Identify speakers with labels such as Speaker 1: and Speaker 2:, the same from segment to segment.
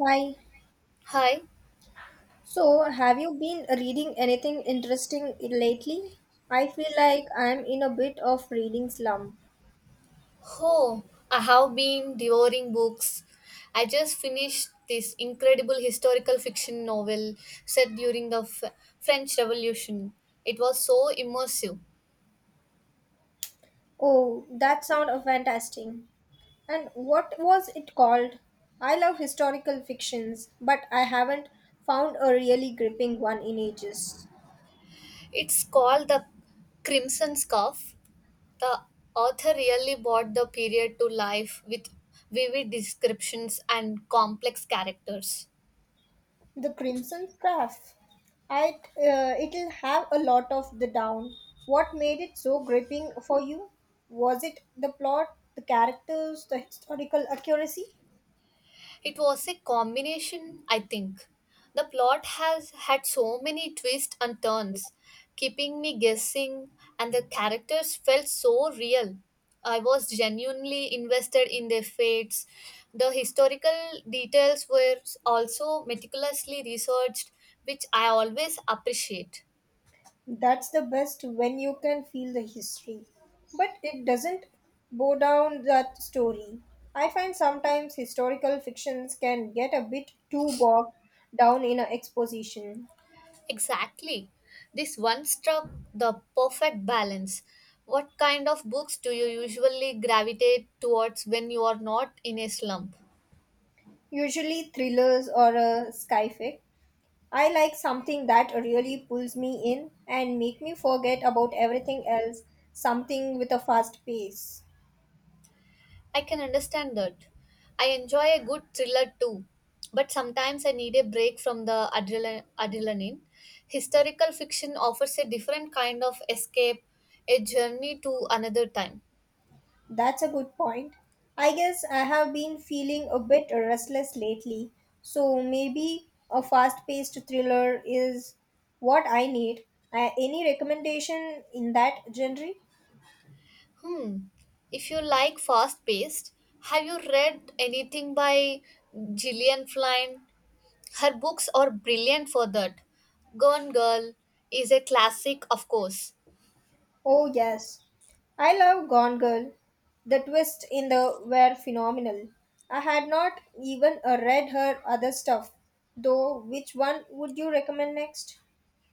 Speaker 1: Hi.
Speaker 2: Hi.
Speaker 1: So, have you been reading anything interesting lately? I feel like I'm in a bit of reading slump.
Speaker 2: Oh, I have been devouring books. I just finished this incredible historical fiction novel set during the French Revolution. It was so immersive.
Speaker 1: Oh, that sounds fantastic. And what was it called? I love historical fictions, but I haven't found a really gripping one in ages.
Speaker 2: It's called The Crimson Scarf. The author really brought the period to life with vivid descriptions and complex characters.
Speaker 1: The Crimson Craft. I it'll have a lot of the down. What made it so gripping for you? Was it the plot, the characters, the historical accuracy?
Speaker 2: It was a combination, I think. The plot has had so many twists and turns, keeping me guessing, and the characters felt so real. I was genuinely invested in their fates. The historical details were also meticulously researched, which I always appreciate.
Speaker 1: That's the best when you can feel the history. But it doesn't bow down that story. I find sometimes historical fictions can get a bit too bogged down in an exposition.
Speaker 2: Exactly. This one struck the perfect balance. What kind of books do you usually gravitate towards when you are not in a slump?
Speaker 1: Usually thrillers or a sci-fi. I like something that really pulls me in and make me forget about everything else, something with a fast pace.
Speaker 2: I can understand that. I enjoy a good thriller too, but sometimes I need a break from the adrenaline. Historical fiction offers a different kind of escape, a journey to another time.
Speaker 1: That's a good point. I guess I have been feeling a bit restless lately, so maybe a fast-paced thriller is what I need. Any recommendation in that genre?
Speaker 2: Hmm. If you like fast paced, have you read anything by Gillian Flynn? Her books are brilliant for that. Gone Girl is a classic, of course.
Speaker 1: Oh, yes. I love Gone Girl. The twists in the were phenomenal. I had not even read her other stuff, though. Which one would you recommend next?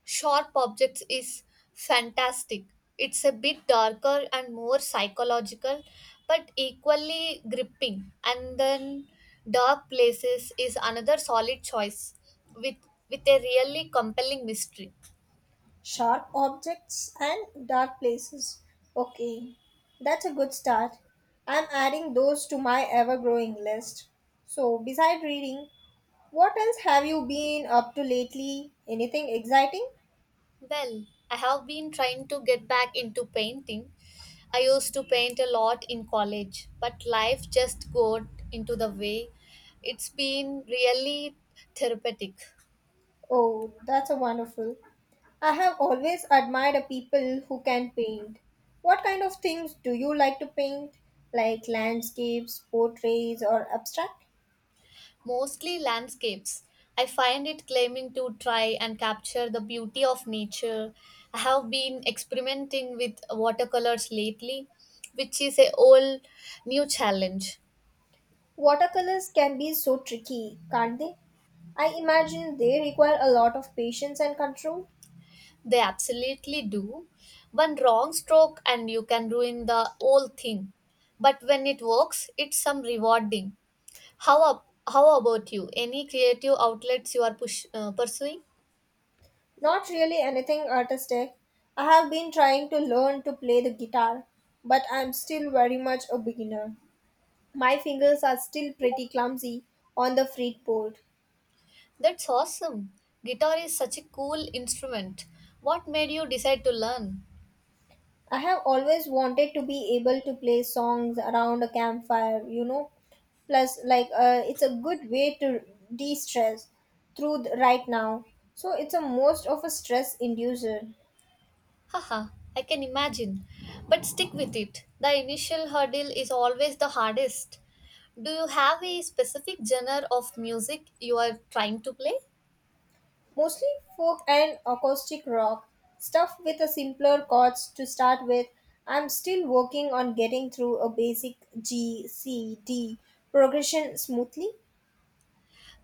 Speaker 2: Sharp Objects is fantastic. It's a bit darker and more psychological, but equally gripping. And then Dark Places is another solid choice with, with a really compelling mystery.
Speaker 1: Sharp Objects and Dark Places. Okay, that's a good start. I'm adding those to my ever growing list. So, beside reading, what else have you been up to lately? Anything exciting?
Speaker 2: Well, I have been trying to get back into painting. I used to paint a lot in college, but life just got into the way. It's been really therapeutic,
Speaker 1: Oh, that's a wonderful. I have always admired people who can paint. What kind of things do you like to paint? Like landscapes, portraits, or abstract?
Speaker 2: mostly landscapes. I find it claiming to try and capture the beauty of nature. I have been experimenting with watercolors lately, which is a whole new challenge.
Speaker 1: Watercolors can be so tricky, can't they? I imagine they require a lot of patience and control.
Speaker 2: They absolutely do. One wrong stroke and you can ruin the whole thing. But when it works, it's some rewarding. How about you? Any creative outlets you are pursuing?
Speaker 1: Not really anything artistic. I have been trying to learn to play the guitar, but I'm still very much a beginner. My fingers are still pretty clumsy on the fretboard.
Speaker 2: That's awesome. Guitar is such a cool instrument. What made you decide to learn?
Speaker 1: I have always wanted to be able to play songs around a campfire, you know. Plus, it's a good way to de stress through the, right now. So, it's a most of a stress inducer.
Speaker 2: Haha, I can imagine. But stick with it. The initial hurdle is always the hardest. Do you have a specific genre of music you are trying to play?
Speaker 1: Mostly folk and acoustic rock, stuff with a simpler chords to start with. I'm still working on getting through a basic G, C, D progression smoothly.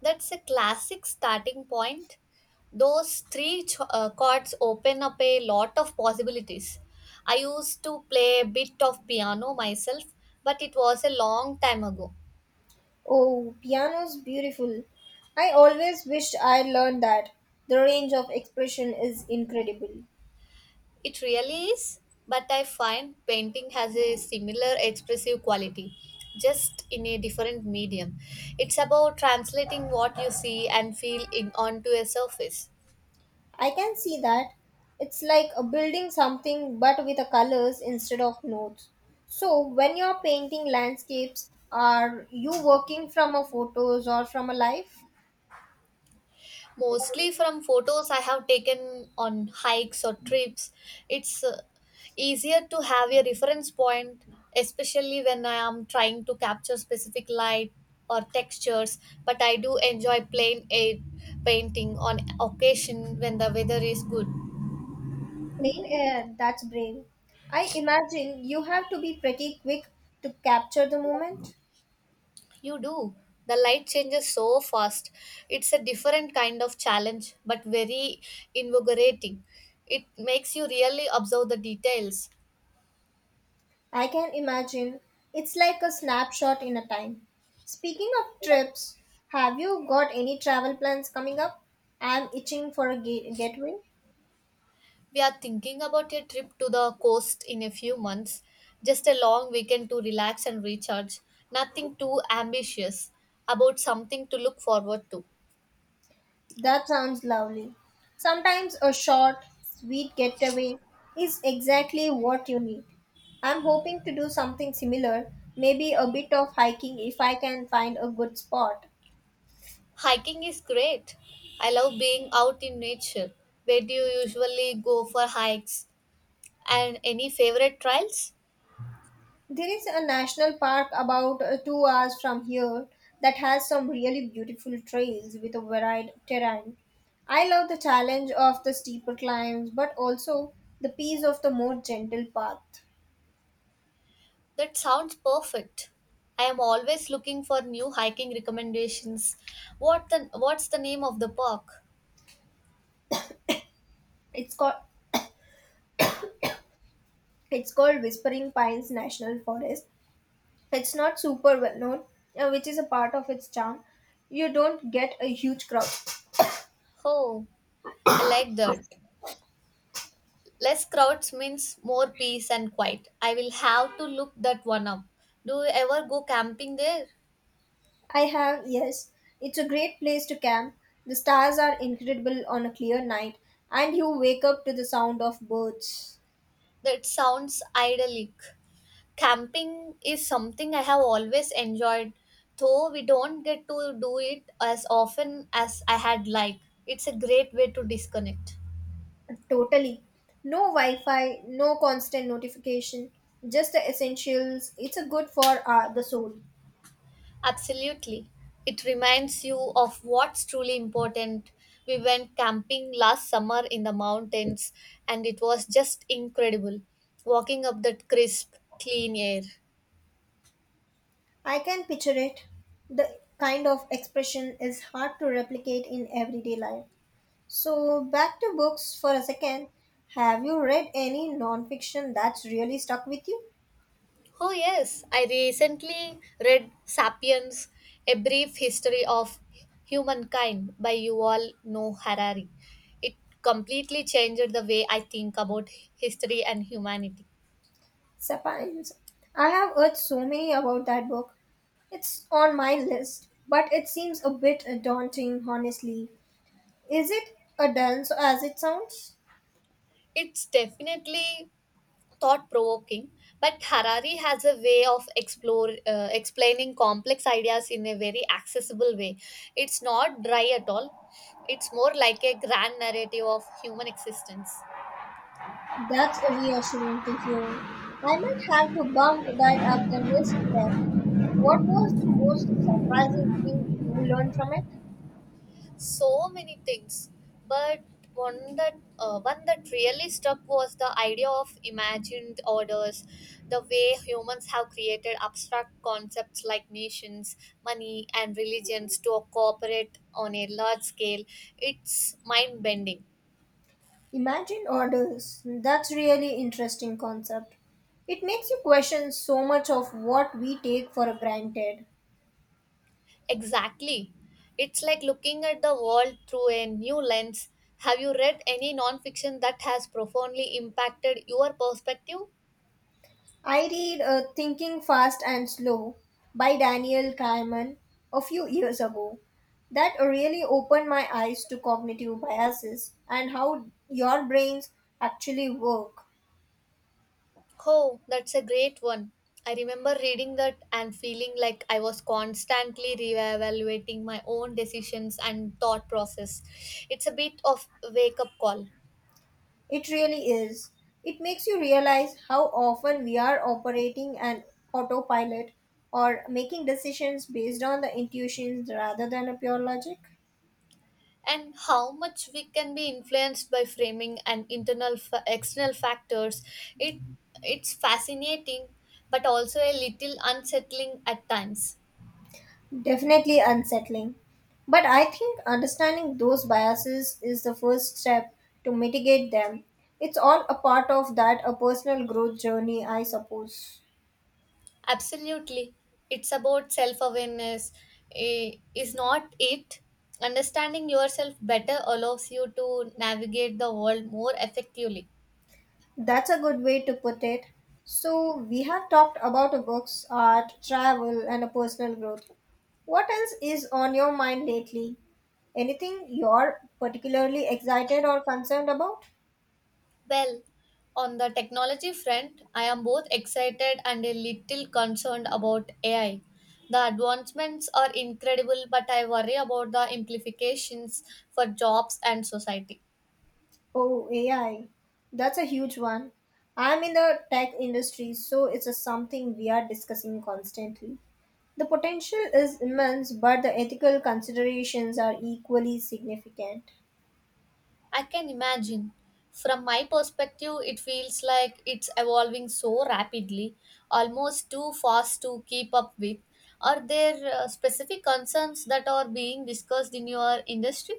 Speaker 2: That's a classic starting point. Those three chords open up a lot of possibilities. I used to play a bit of piano myself, but it was a long time ago.
Speaker 1: Oh, piano's beautiful. I always wished I learned that. The range of expression is incredible.
Speaker 2: It really is, but I find painting has a similar expressive quality, just in a different medium. It's about translating what you see and feel in onto a surface.
Speaker 1: I can see that. It's like a building something but with a colors instead of notes. So, when you're painting landscapes, are you working from a photos or from a life?
Speaker 2: Mostly from photos I have taken on hikes or trips. It's easier to have a reference point, especially when I am trying to capture specific light or textures. But I do enjoy plain air painting on occasion when the weather is good.
Speaker 1: Plain air, that's brave. I imagine you have to be pretty quick to capture the moment.
Speaker 2: You do. The light changes so fast. It's a different kind of challenge, but very invigorating. It makes you really observe the details.
Speaker 1: I can imagine. It's like a snapshot in a time. Speaking of trips, have you got any travel plans coming up? I'm itching for a getaway.
Speaker 2: We are thinking about a trip to the coast in a few months, just a long weekend to relax and recharge. Nothing too ambitious, about something to look forward to.
Speaker 1: That sounds lovely. Sometimes a short, sweet getaway is exactly what you need. I'm hoping to do something similar, maybe a bit of hiking if I can find a good spot.
Speaker 2: Hiking is great. I love being out in nature. Where do you usually go for hikes? And any favorite trails?
Speaker 1: There is a national park about 2 hours from here that has some really beautiful trails with a varied terrain. I love the challenge of the steeper climbs, but also the peace of the more gentle path.
Speaker 2: That sounds perfect. I am always looking for new hiking recommendations. What's the name of the park?
Speaker 1: It's called it's called Whispering Pines National Forest. It's not super well known, which is a part of its charm. You don't get a huge crowd.
Speaker 2: Oh, I like that. Less crowds means more peace and quiet. I will have to look that one up. Do you ever go camping there?
Speaker 1: I have, yes. It's a great place to camp. The stars are incredible on a clear night, and you wake up to the sound of birds.
Speaker 2: That sounds idyllic. Camping is something I have always enjoyed, though we don't get to do it as often as I had like. It's a great way to disconnect.
Speaker 1: Totally. No Wi Fi, no constant notification, just the essentials. It's a good for the soul.
Speaker 2: Absolutely. It reminds you of what's truly important. We went camping last summer in the mountains and it was just incredible walking up that crisp, clean air.
Speaker 1: I can picture it. The kind of expression is hard to replicate in everyday life. So, back to books for a second. Have you read any non fiction that's really stuck with you?
Speaker 2: Oh, yes, I recently read Sapiens A Brief History of Humankind by Yuval Noah Harari. It completely changed the way I think about history and humanity.
Speaker 1: Sapines. I have heard so many about that book. It's on my list, but it seems a bit daunting, honestly. Is it a dense as it sounds?
Speaker 2: It's definitely thought provoking, but Harari has a way of explore explaining complex ideas in a very accessible way. It's not dry at all. It's more like a grand narrative of human existence.
Speaker 1: That's reassuring to hear. I might have to bump that up the list then. What was the most surprising thing you learned from it?
Speaker 2: So many things, but one that really struck was the idea of imagined orders, the way humans have created abstract concepts like nations, money and religions to cooperate on a large scale. It's mind bending.
Speaker 1: Imagine orders. That's really interesting concept. It makes you question so much of what we take for granted.
Speaker 2: Exactly. It's like looking at the world through a new lens. Have you read any nonfiction that has profoundly impacted your perspective?
Speaker 1: I read Thinking Fast and Slow by Daniel Kahneman a few years ago. That really opened my eyes to cognitive biases and how your brains actually work.
Speaker 2: Oh, that's a great one. I remember reading that and feeling like I was constantly reevaluating my own decisions and thought process. It's a bit of a wake up call.
Speaker 1: It really is. It makes you realize how often we are operating an autopilot or making decisions based on the intuitions rather than a pure logic.
Speaker 2: And how much we can be influenced by framing and external factors. It it's fascinating but also a little unsettling at times.
Speaker 1: Definitely unsettling. But I think understanding those biases is the first step to mitigate them. It's all a part of that a personal growth journey, I suppose.
Speaker 2: Absolutely. It's about self awareness, is not it? Understanding yourself better allows you to navigate the world more effectively.
Speaker 1: That's a good way to put it. So we have talked about a books, art, travel and a personal growth. What else is on your mind lately? Anything you're particularly excited or concerned about?
Speaker 2: Well, on the technology front, I am both excited and a little concerned about AI. The advancements are incredible, but I worry about the implications for jobs and society.
Speaker 1: Oh, AI. That's a huge one. I'm in the tech industry, so it's a something we are discussing constantly. The potential is immense, but the ethical considerations are equally significant.
Speaker 2: I can imagine. From my perspective, it feels like it's evolving so rapidly, almost too fast to keep up with. Are there specific concerns that are being discussed in your industry?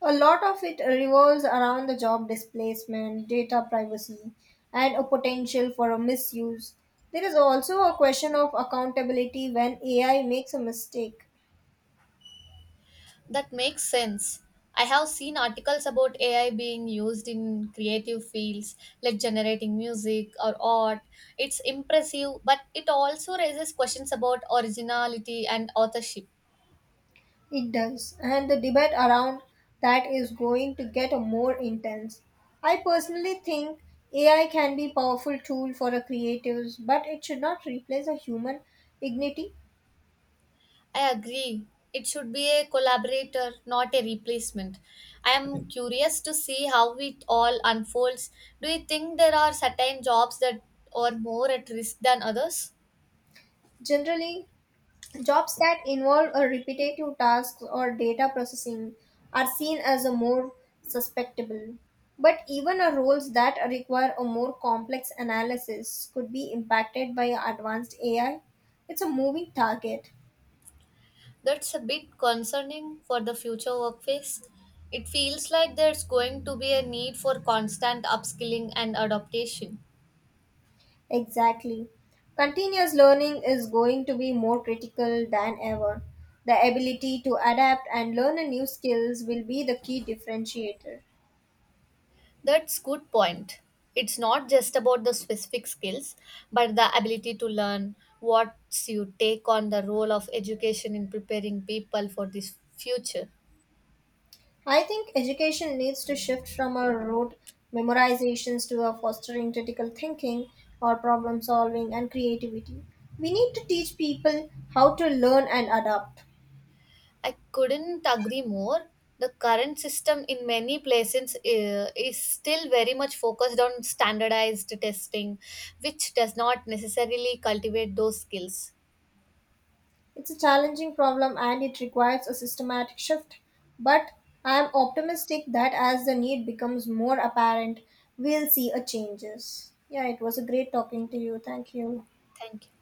Speaker 1: A lot of it revolves around the job displacement, data privacy, and a potential for a misuse. There is also a question of accountability when AI makes a mistake.
Speaker 2: That makes sense. I have seen articles about AI being used in creative fields like generating music or art. It's impressive, but it also raises questions about originality and authorship.
Speaker 1: It does, and the debate around that is going to get more intense. I personally think AI can be a powerful tool for the creatives, but it should not replace a human dignity.
Speaker 2: I agree. It should be a collaborator, not a replacement. I am curious to see how it all unfolds. Do you think there are certain jobs that are more at risk than others?
Speaker 1: Generally, jobs that involve a repetitive tasks or data processing are seen as a more susceptible. But even a roles that require a more complex analysis could be impacted by advanced AI. It's a moving target.
Speaker 2: That's a bit concerning for the future workplace. It feels like there's going to be a need for constant upskilling and adaptation.
Speaker 1: Exactly. Continuous learning is going to be more critical than ever. The ability to adapt and learn a new skills will be the key differentiator.
Speaker 2: That's good point. It's not just about the specific skills, but the ability to learn what's you take on the role of education in preparing people for this future.
Speaker 1: I think education needs to shift from a rote memorizations to a fostering critical thinking or problem solving and creativity. We need to teach people how to learn and adapt.
Speaker 2: I couldn't agree more. The current system in many places is still very much focused on standardized testing, which does not necessarily cultivate those skills.
Speaker 1: It's a challenging problem and it requires a systematic shift, but I am optimistic that as the need becomes more apparent, we'll see a changes. Yeah, it was a great talking to you. Thank you.
Speaker 2: Thank you.